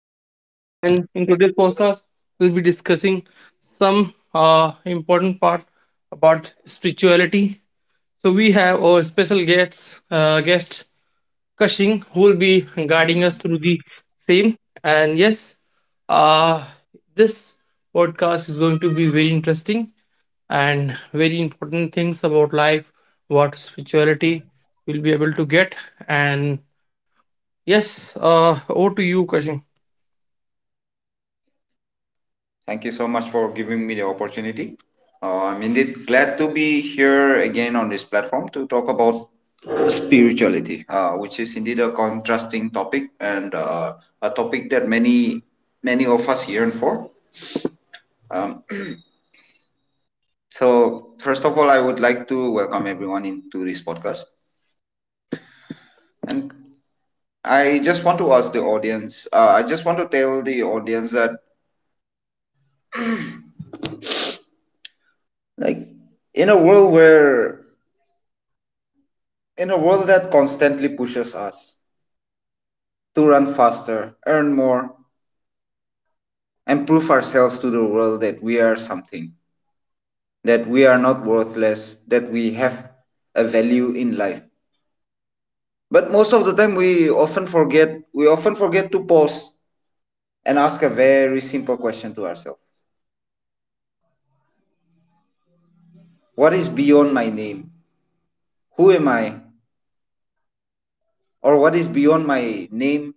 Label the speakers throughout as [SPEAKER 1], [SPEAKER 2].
[SPEAKER 1] Shahid, and in today's podcast, we'll be discussing some important part about spirituality. So we have our special guest, guest Kashing, who will be guiding us through the same. And yes, uh, this podcast is going to be very interesting and very important things about life, what spirituality will be able to get, and yes, over to you, Kashi.
[SPEAKER 2] Thank you so much for giving me the opportunity. I'm indeed glad to be here again on this platform to talk about spirituality, which is indeed a contrasting topic and a topic that many of us yearn for. Um, so, first of all, I would like to welcome everyone into this podcast, and I just want to ask the audience. I just want to tell the audience that, like, in a world where in a world that constantly pushes us to run faster, earn more, and prove ourselves to the world that we are something, that we are not worthless, that we have a value in life. But most of the time we often forget to pause and ask a very simple question to ourselves. What is beyond my name? Who am I? Or what is beyond my name,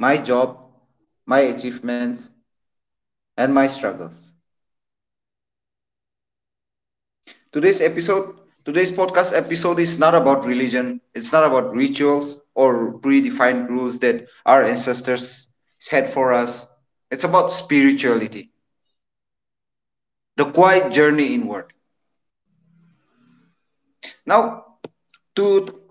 [SPEAKER 2] my job, my achievements, and my struggles? Today's episode, today's podcast episode is not about religion. It's not about rituals or predefined rules that our ancestors set for us. It's about spirituality, the quiet journey inward. Now, to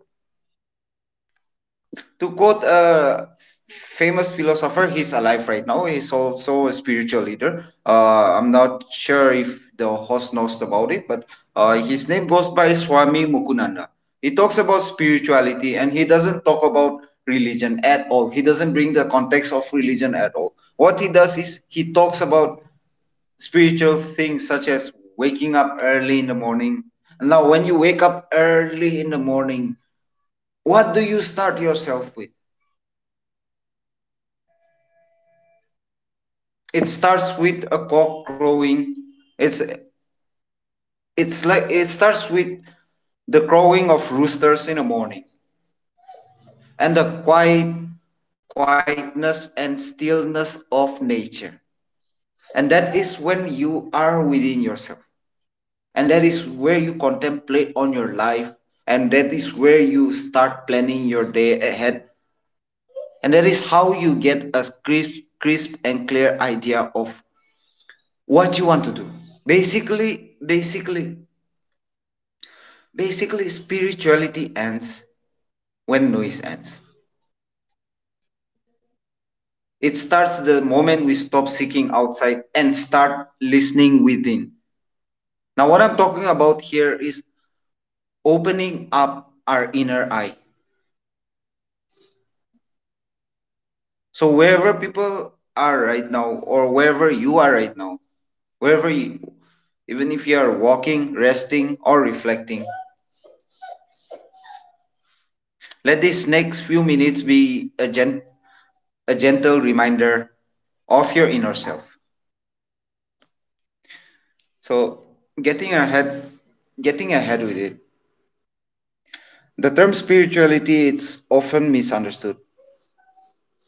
[SPEAKER 2] to quote a famous philosopher, he's alive right now, he's also a spiritual leader. I'm not sure if the host knows about it, but his name goes by Swami Mukunanda. He talks about spirituality and he doesn't talk about religion at all. He doesn't bring the context of religion at all. What he does is he talks about spiritual things such as waking up early in the morning. Now when you wake up early in the morning, what do you start yourself with? It starts with a cock crowing. It's it's like it starts with the crowing of roosters in the morning and the quietness and stillness of nature, and that is when you are within yourself, and that is where you contemplate on your life, and that is where you start planning your day ahead, and that is how you get a crisp and clear idea of what you want to do. Basically basically Basically, spirituality ends when noise ends. It starts the moment we stop seeking outside and start listening within. Now, what I'm talking about here is opening up our inner eye. So, wherever people are right now, or wherever you are right now, wherever you, even if you are walking, resting, or reflecting, let these next few minutes be a gentle reminder of your inner self. So getting ahead getting ahead with it. The term spirituality is often misunderstood.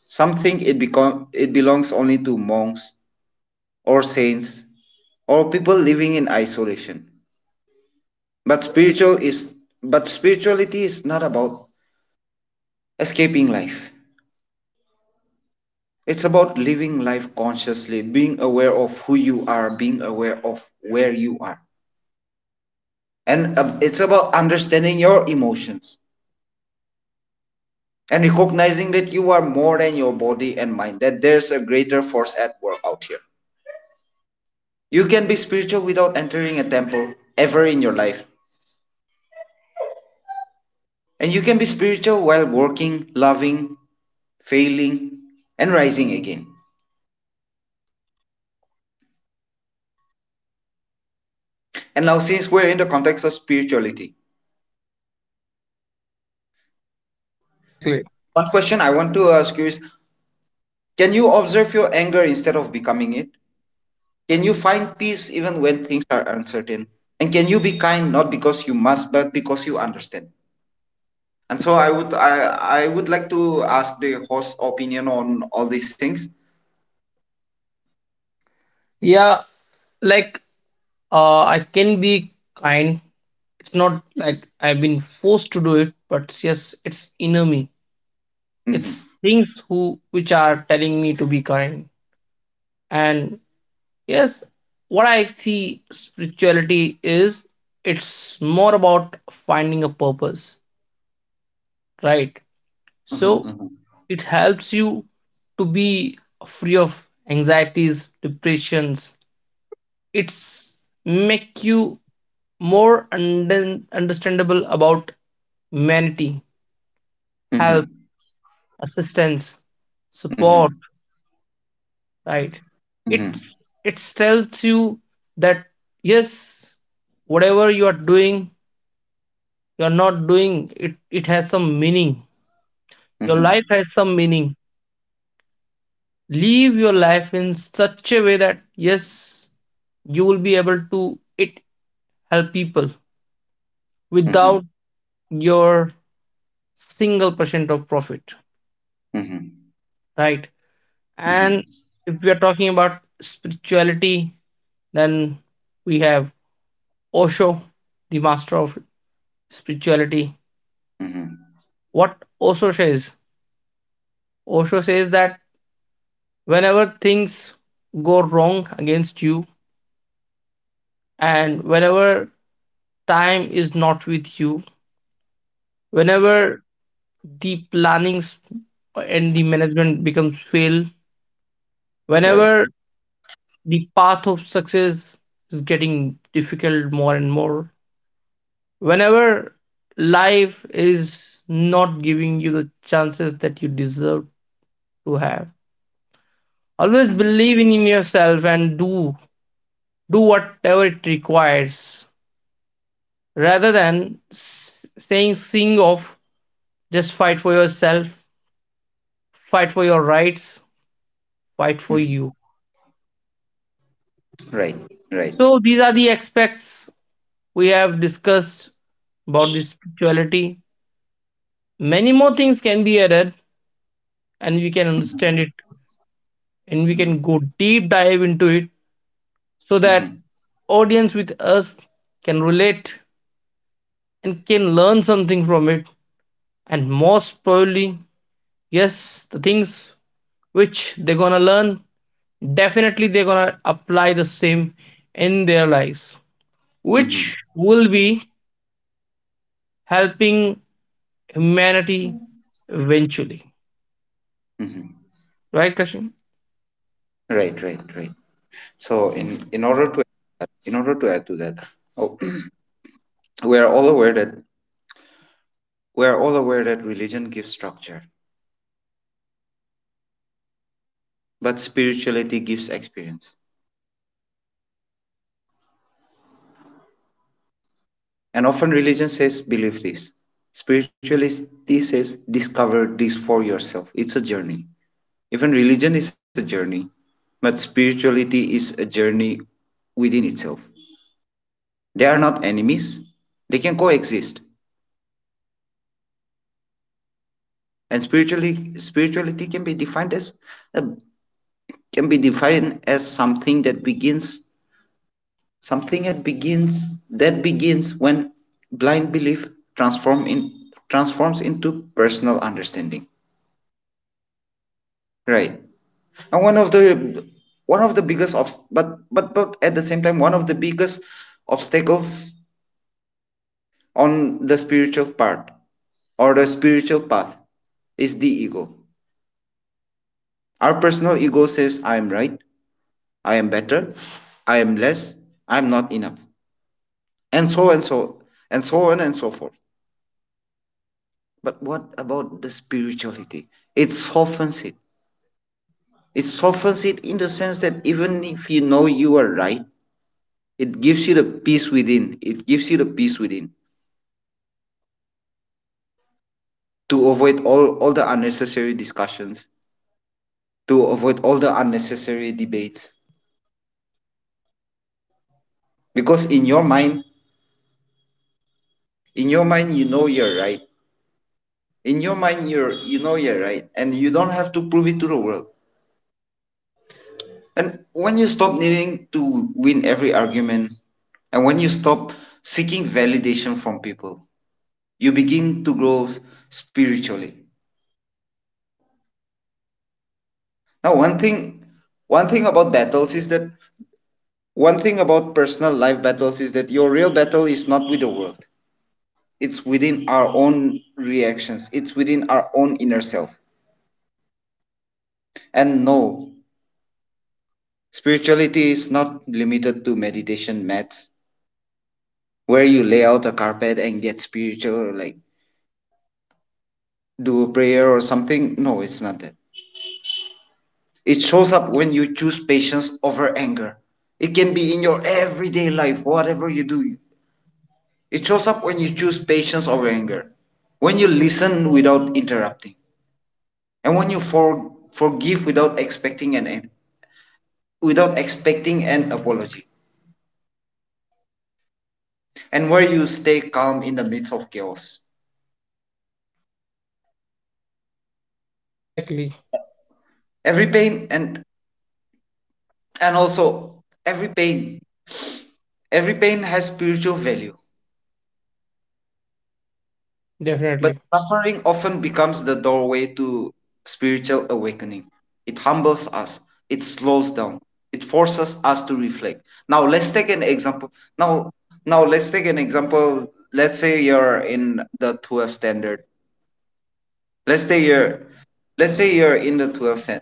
[SPEAKER 2] Some think it become it belongs only to monks or saints or people living in isolation. But spiritual is but spirituality is not about escaping life. It's about living life consciously, being aware of who you are, being aware of where you are. And it's about understanding your emotions and recognizing that you are more than your body and mind, that there's a greater force at work out here. You can be spiritual without entering a temple ever in your life, and you can be spiritual while working, loving, failing, and rising again. And now, since we're in the context of spirituality,
[SPEAKER 1] Exactly.
[SPEAKER 2] one question I want to ask you is, can you observe your anger instead of becoming it? Can you find peace even when things are uncertain? And can you be kind not because you must, but because you understand? And so I would like to ask the host opinion on all these things.
[SPEAKER 1] Yeah, like I can be kind. It's not like I've been forced to do it, but yes, it's inner me.
[SPEAKER 2] Mm-hmm.
[SPEAKER 1] It's things who which are telling me to be kind. And yes, what I see spirituality is it's more about finding a purpose, right?
[SPEAKER 2] Hmm.
[SPEAKER 1] So
[SPEAKER 2] Hmm.
[SPEAKER 1] it helps you to be free of anxieties, depressions. It's make you more understandable about humanity,
[SPEAKER 2] Hmm.
[SPEAKER 1] help, assistance,
[SPEAKER 2] Hmm.
[SPEAKER 1] support, right?
[SPEAKER 2] Hmm.
[SPEAKER 1] It's it tells you that yes, whatever you are doing, you're not doing it, it has some meaning. Your life has some meaning. Live your life in such a way that yes, you will be able to it help people
[SPEAKER 2] Hmm.
[SPEAKER 1] without your single percent of profit,
[SPEAKER 2] Hmm.
[SPEAKER 1] right? And
[SPEAKER 2] Hmm.
[SPEAKER 1] if we are talking about spirituality, then we have Osho, the master of spirituality.
[SPEAKER 2] Hmm.
[SPEAKER 1] What Osho says that whenever things go wrong against you, and whenever time is not with you, whenever the plannings and the management becomes fail,
[SPEAKER 2] Right.
[SPEAKER 1] whenever the path of success is getting difficult more and more, whenever life is not giving you the chances that you deserve to have, always
[SPEAKER 2] Mm-hmm.
[SPEAKER 1] believe in yourself and do whatever it requires rather than saying sing off, just fight for yourself, fight for your rights, fight for
[SPEAKER 2] Mm-hmm.
[SPEAKER 1] you.
[SPEAKER 2] Right. Right.
[SPEAKER 1] So these are the aspects we have discussed about the spirituality. Many more things can be added and we can understand it and we can go deep dive into it so that
[SPEAKER 2] Hmm.
[SPEAKER 1] audience with us can relate and can learn something from it, and most probably yes, the things which they're gonna learn definitely they're gonna apply the same in their lives, which
[SPEAKER 2] Hmm.
[SPEAKER 1] will be helping humanity eventually,
[SPEAKER 2] Hmm.
[SPEAKER 1] right Kashin?
[SPEAKER 2] Right. Right. Right. So in
[SPEAKER 1] Okay.
[SPEAKER 2] in order to add to that, oh, we are all aware that we are all aware that religion gives structure, but spirituality gives experience. And often religion says, believe this. Spirituality says, discover this for yourself. It's a journey. Even religion is a journey, but spirituality is a journey within itself. They are not enemies, they can coexist. And spirituality can be defined as a, can be defined as something that begins when blind belief transform in, transforms into personal understanding. Right. And one of the biggest obs- but at the same time one of the biggest obstacles on the spiritual path is the ego. Our personal ego says, I am right, I am better, I am less, I am not enough, and so and so and so on and so forth. But what about the spirituality? It softens it. It softens it in the sense that even if you know you are right, it gives you the peace within to avoid all the unnecessary discussions, to avoid all the unnecessary debates. Because in your mind, you know you're right. In your mind, you know you're right, and you don't have to prove it to the world. And when you stop needing to win every argument, and when you stop seeking validation from people, you begin to grow spiritually. Now, one thing about battles is that one thing about personal life battles is that your real battle is not with the world. It's within our own reactions, it's within our own inner self. And no, spirituality is not limited to meditation mats where you lay out a carpet and get spiritual, like do a prayer or something. No, it's not that. It shows up when you choose patience over anger It can be in your everyday life, whatever you do. It shows up when you choose patience over anger, when you listen without interrupting, and when you forgive without expecting an end without expecting an apology, and where you stay calm in the midst of chaos.
[SPEAKER 1] Exactly.
[SPEAKER 2] Every pain and also every pain Every pain has spiritual value, but
[SPEAKER 1] Definitely.
[SPEAKER 2] suffering often becomes the doorway to spiritual awakening. It humbles us, it slows down, it forces us to reflect. Now let's take an example. Now now let's take an example let's say you're in the 12 standard. Let's say you're let's say you're in the 12 cen-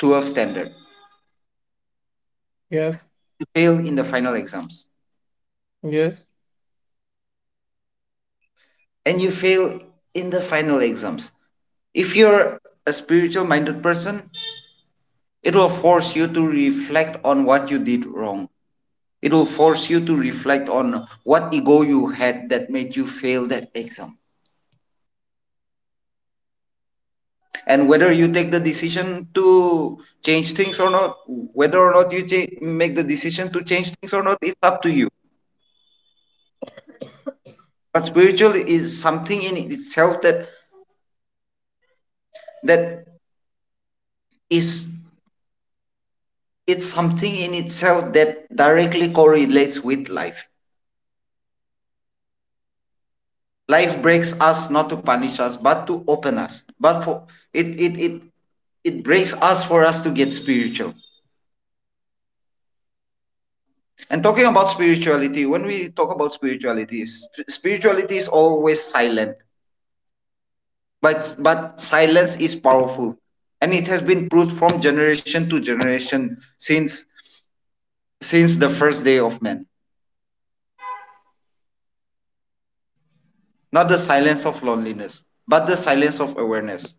[SPEAKER 2] 12 standard,
[SPEAKER 1] Yes,
[SPEAKER 2] you fail in the final exams.
[SPEAKER 1] yes.
[SPEAKER 2] And you fail in the final exams If you're a spiritual minded person, it will force you to reflect on what you did wrong. It will force you to reflect on what ego you had that made you fail that exam. And whether you take the decision to change things or not, whether or not you make the decision to change things or not, it's up to you. But spiritual is something in itself that that is it's something in itself that directly correlates with life. Life breaks us not to punish us, but to open us. But for it, it, it, it breaks us for us to get spiritual. And talking about spirituality, when we talk about spirituality, spirituality is always silent, but silence is powerful, and it has been proved from generation to generation since the first day of man. Not the silence of loneliness, but the silence of awareness.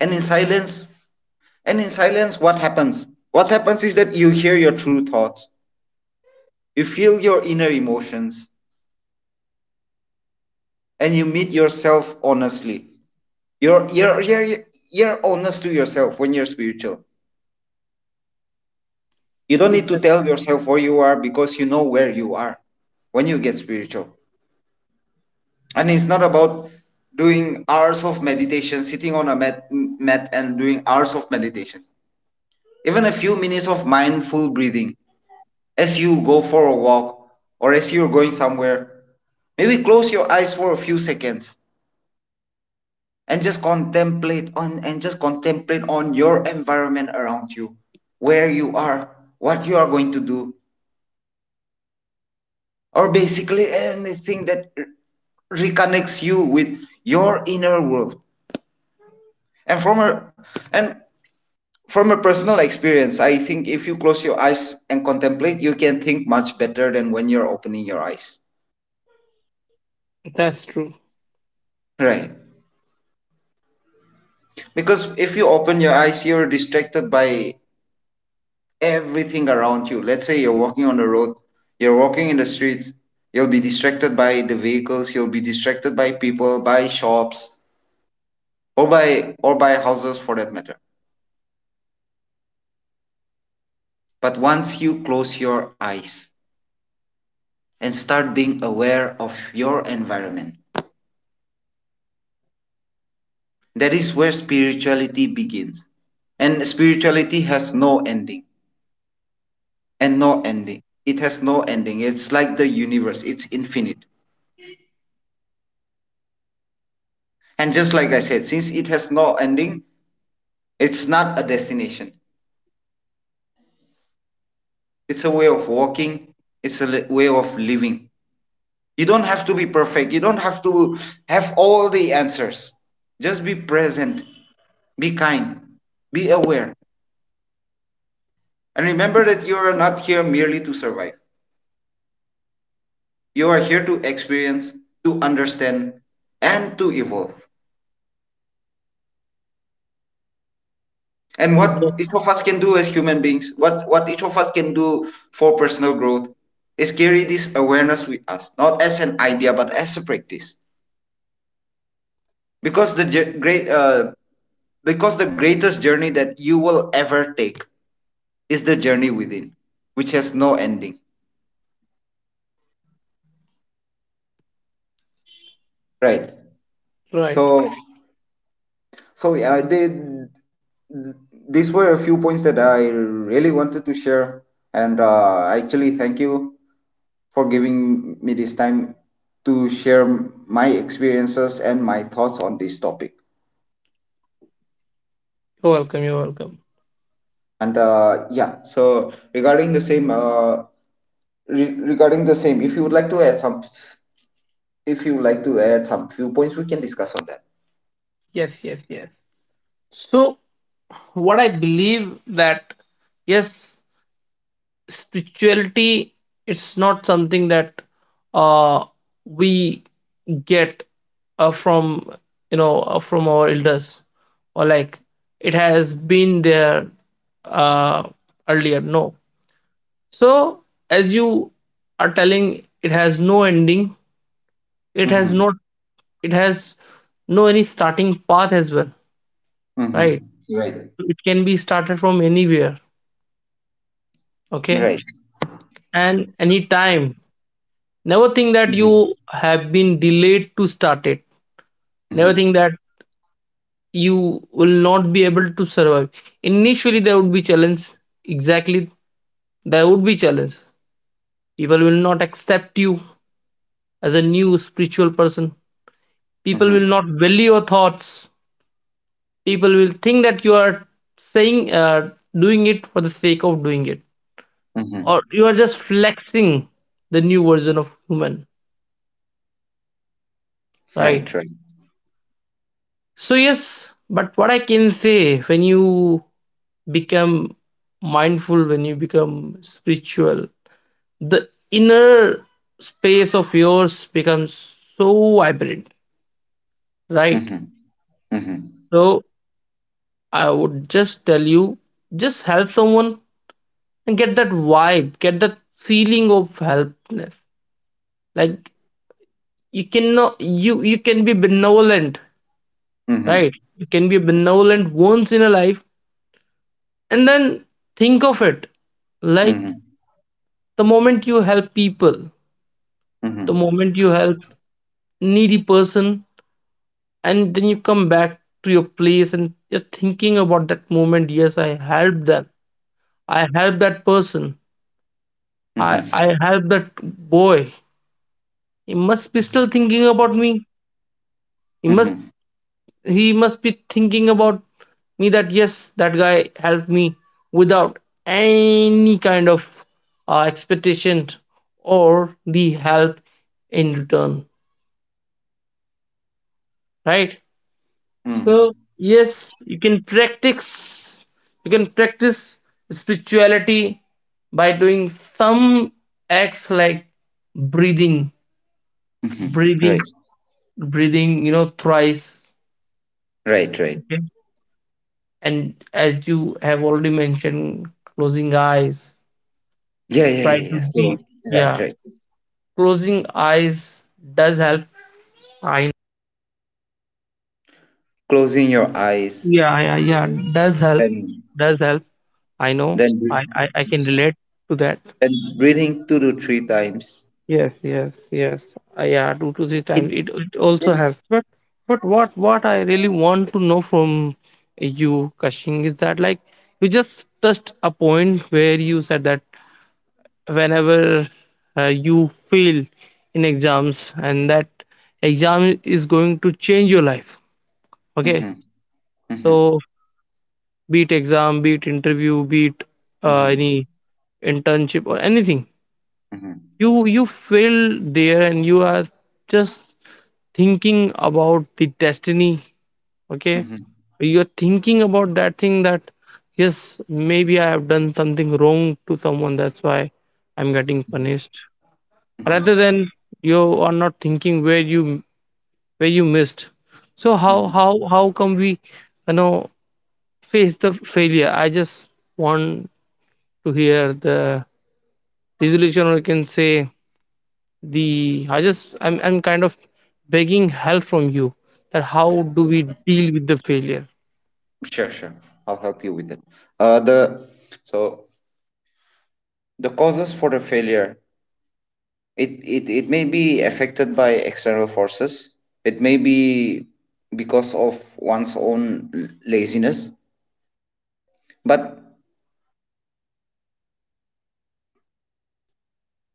[SPEAKER 2] And in silence, And in silence, what happens? What happens is that you hear your true thoughts, you feel your inner emotions, and you meet yourself honestly. You're, you're, you're, you're honest to yourself when you're spiritual. You don't need to
[SPEAKER 1] Exactly.
[SPEAKER 2] tell yourself where you are because you know where you are when you get spiritual. And it's not about doing hours of meditation, sitting on a mat, and doing hours of meditation. Even a few minutes of mindful breathing as you go for a walk or as you're going somewhere, maybe close your eyes for a few seconds and just contemplate on your environment around you, where you are, what you are going to do, or basically anything that reconnects you with your inner world. And and from a personal experience, I think if you close your eyes and contemplate, you can think much better than when you're opening your eyes.
[SPEAKER 1] That's true.
[SPEAKER 2] Right. Because if you open your eyes, you're distracted by everything around you. Let's say you're walking on the road, you're walking in the streets, you'll be distracted by the vehicles, you'll be distracted by people, by shops, or by houses for that matter. But once you close your eyes and start being aware of your environment, that is where spirituality begins. And spirituality has no ending It has no ending. It's like the universe, it's infinite. And just like I said, since it has no ending, it's not a destination. It's a way of walking, it's a way of living. You don't have to be perfect, you don't have to have all the answers. Just be present, be kind, be aware. And remember that you are not here merely to survive, you are here to experience, to understand, and to evolve. And what each
[SPEAKER 1] Exactly.
[SPEAKER 2] of us can do as human beings, what each of us can do for personal growth is carry this awareness with us, not as an idea but as a practice, because the jour- great because the greatest journey that you will ever take is the journey within, which has no ending, right?
[SPEAKER 1] Right.
[SPEAKER 2] So so yeah i did These were a few points that I really wanted to share. And I actually thank you for giving me this time to share my experiences and my thoughts on this topic.
[SPEAKER 1] You're welcome, you're welcome.
[SPEAKER 2] And yeah, so regarding the same, regarding the same, if you would like to add some, if you would like to add some few points, we can discuss on that.
[SPEAKER 1] Yes, yes, yes. So what I believe that yes, spirituality, it's not something that uh we get from you know from our elders or like it has been there uh earlier, no. So as you are telling, it has no ending, it has
[SPEAKER 2] Mm-hmm.
[SPEAKER 1] not, it has no any starting path as well, right?
[SPEAKER 2] Mm-hmm. Right.
[SPEAKER 1] It can be started from anywhere, okay,
[SPEAKER 2] Right.
[SPEAKER 1] and anytime. Never think that
[SPEAKER 2] Mm-hmm.
[SPEAKER 1] you have been delayed to start it. Never
[SPEAKER 2] Mm-hmm.
[SPEAKER 1] think that you will not be able to survive. Initially there would be challenge, exactly, there would be challenge. People will not accept you as a new spiritual person. People
[SPEAKER 2] Mm-hmm.
[SPEAKER 1] will not value your thoughts. People will think that you are saying doing it for the sake of doing it,
[SPEAKER 2] Mm-hmm.
[SPEAKER 1] or you are just flexing the new version of human,
[SPEAKER 2] Right.
[SPEAKER 1] right?
[SPEAKER 2] Right.
[SPEAKER 1] So yes, but what I can say, when you become mindful, when you become spiritual, the inner space of yours becomes so vibrant, right?
[SPEAKER 2] Mm-hmm. Mm-hmm.
[SPEAKER 1] So I would just tell you, just help someone and get that vibe, get that feeling of helpness. Like, you cannot, you can be benevolent,
[SPEAKER 2] Mm-hmm.
[SPEAKER 1] right? You can be benevolent once in a life, and then think of it like
[SPEAKER 2] Mm-hmm.
[SPEAKER 1] the moment you help people,
[SPEAKER 2] Mm-hmm.
[SPEAKER 1] the moment you help needy person, and then you come back to your place and you're thinking about that moment. Yes, I helped them, I helped that person, i
[SPEAKER 2] Mm-hmm.
[SPEAKER 1] I helped that boy, he must be still thinking about me. He must, he must be thinking about me that yes, that guy helped me without any kind of expectation or the help in return, right? So
[SPEAKER 2] Mm-hmm.
[SPEAKER 1] yes, you can practice, you can practice spirituality by doing some acts like breathing,
[SPEAKER 2] Mm-hmm. Right.
[SPEAKER 1] breathing, breathing, you know, thrice.
[SPEAKER 2] Right. Right.
[SPEAKER 1] Okay. And as you have already mentioned, closing eyes,
[SPEAKER 2] Yeah, yeah,
[SPEAKER 1] try
[SPEAKER 2] yeah, yeah.
[SPEAKER 1] to
[SPEAKER 2] So
[SPEAKER 1] be,
[SPEAKER 2] right,
[SPEAKER 1] yeah.
[SPEAKER 2] right.
[SPEAKER 1] Closing eyes does help. I,
[SPEAKER 2] Closing your eyes
[SPEAKER 1] yeah, yeah, yeah, does help.
[SPEAKER 2] and
[SPEAKER 1] Does help. I know.
[SPEAKER 2] then
[SPEAKER 1] I can relate to that.
[SPEAKER 2] then breathing two to three times.
[SPEAKER 1] Yes, yes, yes. Yeah, two to three
[SPEAKER 2] It
[SPEAKER 1] times. It
[SPEAKER 2] it.
[SPEAKER 1] also helps. But what I really want to know from you, Kashing, is that like, you just touched a point where you said that whenever you fail in exams and that exam is going to change your life. Okay,
[SPEAKER 2] Mm-hmm, mm-hmm,
[SPEAKER 1] so be it exam, be it interview, be it
[SPEAKER 2] mm-hmm,
[SPEAKER 1] any internship or anything,
[SPEAKER 2] mm-hmm,
[SPEAKER 1] you feel there and you are just thinking about the destiny, okay.
[SPEAKER 2] mm-hmm,
[SPEAKER 1] You're thinking about that thing that yes, maybe I have done something wrong to someone, that's why I'm getting punished,
[SPEAKER 2] mm-hmm,
[SPEAKER 1] rather than you are not thinking where you missed. So how
[SPEAKER 2] mm-hmm.
[SPEAKER 1] how how come we, you know, face the failure? I just want to hear the resolution, or you can say the I just I'm kind of begging help from you that how do we deal with the failure?
[SPEAKER 2] Sure, sure. I'll help you with it. The so the causes for the failure. It may be affected by external forces. It may be because of one's own laziness, but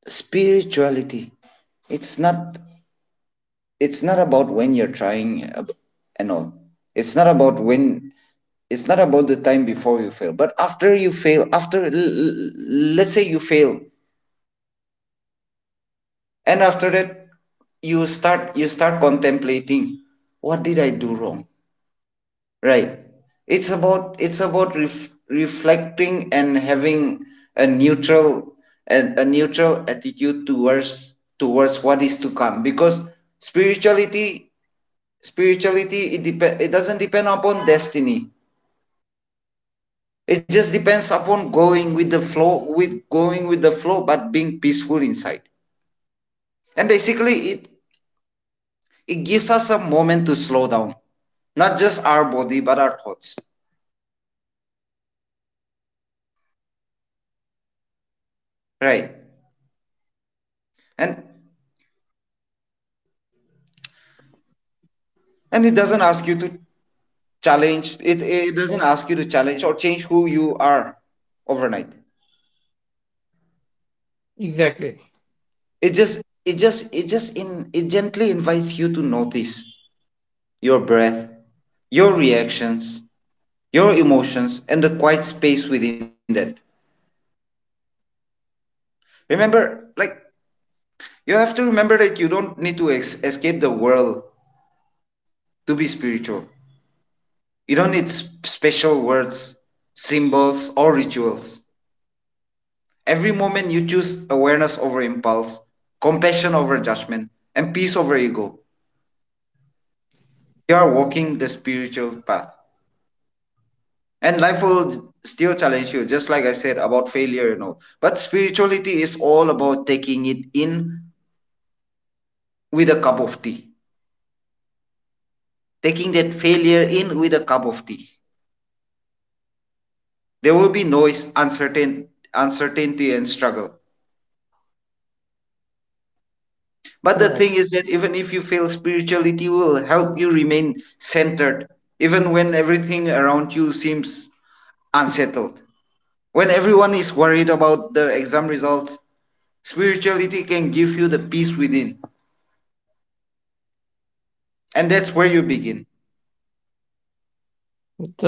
[SPEAKER 2] spirituality, it's not it's not about when you're trying ab- and all it's not about when, it's not about the time before you fail but after you fail, after let's say you fail, and after that you start contemplating what did I do wrong. Right. It's about reflecting and having a neutral a neutral attitude towards what is to come, because spirituality spirituality it doesn't depend upon destiny. It just depends upon going with the flow, but being peaceful inside. And basically it gives us a moment to slow down, not just our body but our thoughts, right? and
[SPEAKER 1] Right.
[SPEAKER 2] and it doesn't ask you to challenge it, it doesn't ask you to challenge or change who you are overnight.
[SPEAKER 1] Exactly.
[SPEAKER 2] It just it just it just in it gently invites you to notice your breath, your reactions, your emotions, and the quiet space within that. Remember, like, you have to remember that you don't need to escape the world to be spiritual. You don't need special words, symbols, or rituals. Every moment you choose awareness over impulse, compassion over judgment, and peace over ego, you are walking the spiritual path. And life will still challenge you, just like I said about failure and all. But spirituality is all about taking it in with a cup of tea, taking that failure in with a cup of tea. There will be noise, uncertainty, and struggle. But the
[SPEAKER 1] Right.
[SPEAKER 2] thing is that even if you fail, spirituality will help you remain centered, even when everything around you seems unsettled. When everyone is worried about their exam results, spirituality can give you the peace within. And that's where you begin.
[SPEAKER 1] Right Kashing, right.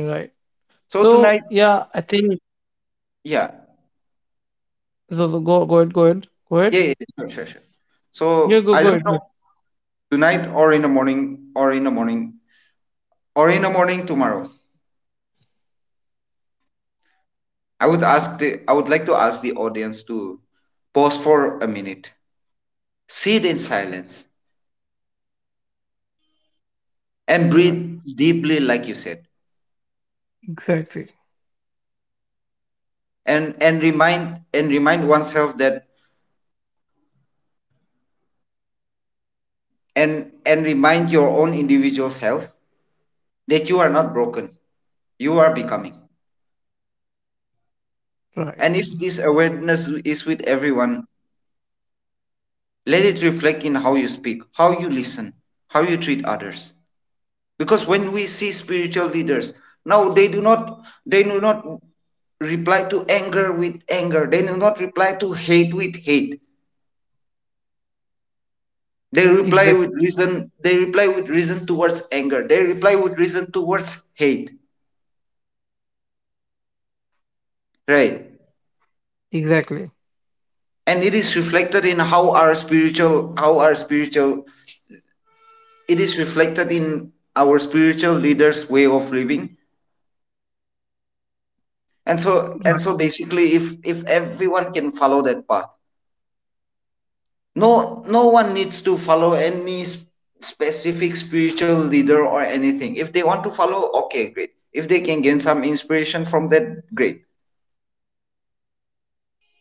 [SPEAKER 1] So yeah,
[SPEAKER 2] So
[SPEAKER 1] I
[SPEAKER 2] tonight,
[SPEAKER 1] think,
[SPEAKER 2] yeah,
[SPEAKER 1] so, so go ahead, go ahead.
[SPEAKER 2] yeah, yeah yeah, sure, sure, sure.
[SPEAKER 1] Yeah, go ahead,
[SPEAKER 2] So
[SPEAKER 1] go
[SPEAKER 2] I don't know, tonight or in the morning, or in the morning tomorrow. I would like to ask the audience to pause for a minute, sit in silence,
[SPEAKER 1] ahead.
[SPEAKER 2] and
[SPEAKER 1] Right.
[SPEAKER 2] breathe deeply like you said.
[SPEAKER 1] Exactly.
[SPEAKER 2] And remind oneself that and remind your own individual self that you are not broken, you are becoming. And
[SPEAKER 1] Right.
[SPEAKER 2] if this awareness is with everyone, let it reflect in how you speak, how you listen, how you treat others. Because when we see spiritual leaders now, they do not, they do not reply to anger with anger, they do not reply to hate with hate. They
[SPEAKER 1] Exactly.
[SPEAKER 2] reply with reason. They reply with reason towards anger. They reply with reason towards hate, right?
[SPEAKER 1] Exactly.
[SPEAKER 2] And it is reflected in how our spiritual, it is reflected in our spiritual leaders' way of living. Basically, if everyone can follow that path, no one needs to follow any specific spiritual leader or anything. If they want to follow, okay, great. If they can gain some inspiration from that, great.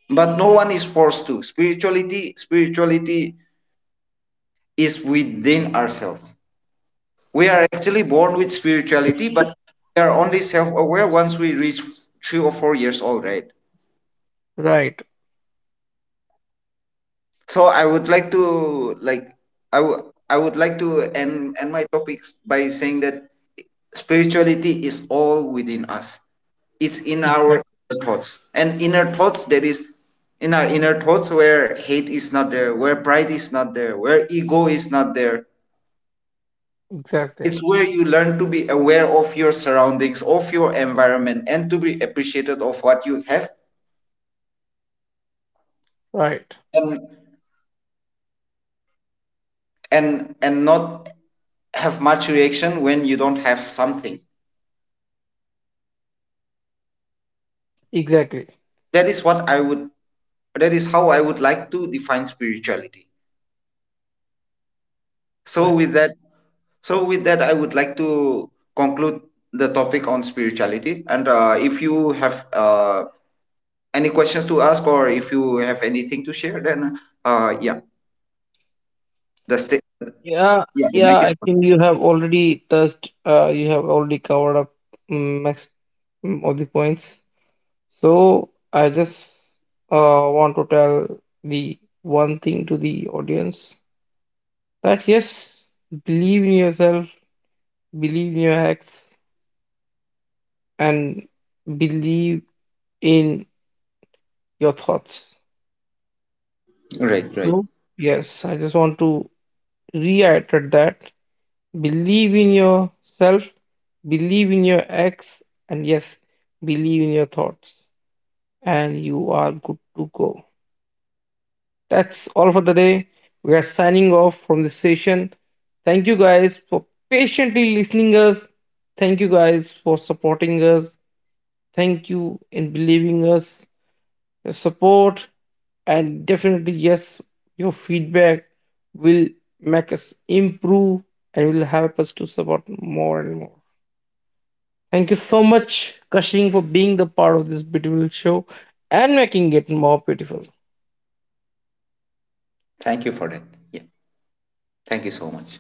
[SPEAKER 2] But no one is forced to spirituality. Spirituality is within ourselves. We are actually born with spirituality, but we are only self-aware once we reach 3 or 4 years old, right?
[SPEAKER 1] Right.
[SPEAKER 2] So I would like to like, I would, I would like to end my topics by saying that spirituality is all within us. It's in
[SPEAKER 1] Exactly.
[SPEAKER 2] our thoughts and inner thoughts, that is, in our inner thoughts where hate is not there, where pride is not there, where ego is not there.
[SPEAKER 1] Exactly.
[SPEAKER 2] It's where you learn to be aware of your surroundings, of your environment, and to be appreciated of what you have.
[SPEAKER 1] Right.
[SPEAKER 2] And and and not have much reaction when you don't have something.
[SPEAKER 1] Exactly.
[SPEAKER 2] that is what i would that is how I would like to define spirituality. so
[SPEAKER 1] Right.
[SPEAKER 2] with that so with that, I would like to conclude the topic on spirituality. And if you have any questions to ask, or if you have anything to share, then yeah, the sta-
[SPEAKER 1] Yeah,
[SPEAKER 2] yeah, the mic
[SPEAKER 1] yeah,
[SPEAKER 2] is
[SPEAKER 1] I think you have already touched, you have already covered up mm, max all the points. So I just want to tell the one thing to the audience that yes, believe in yourself, believe in your acts, and believe in your thoughts.
[SPEAKER 2] on. Right, right.
[SPEAKER 1] So yes, I just want to reiterate that believe in yourself, believe in your ex, and yes, believe in your thoughts, and you are good to go. That's all for the day. We are signing off from this session. Thank you guys for patiently listening us. Thank you guys for supporting us. Thank you in believing us. Your support and definitely yes, your feedback will make us improve and will help us to support more and more. Thank you so much, Kashing, for being the part of this beautiful show and making it more beautiful.
[SPEAKER 2] Thank you for that. Yeah, thank you so much.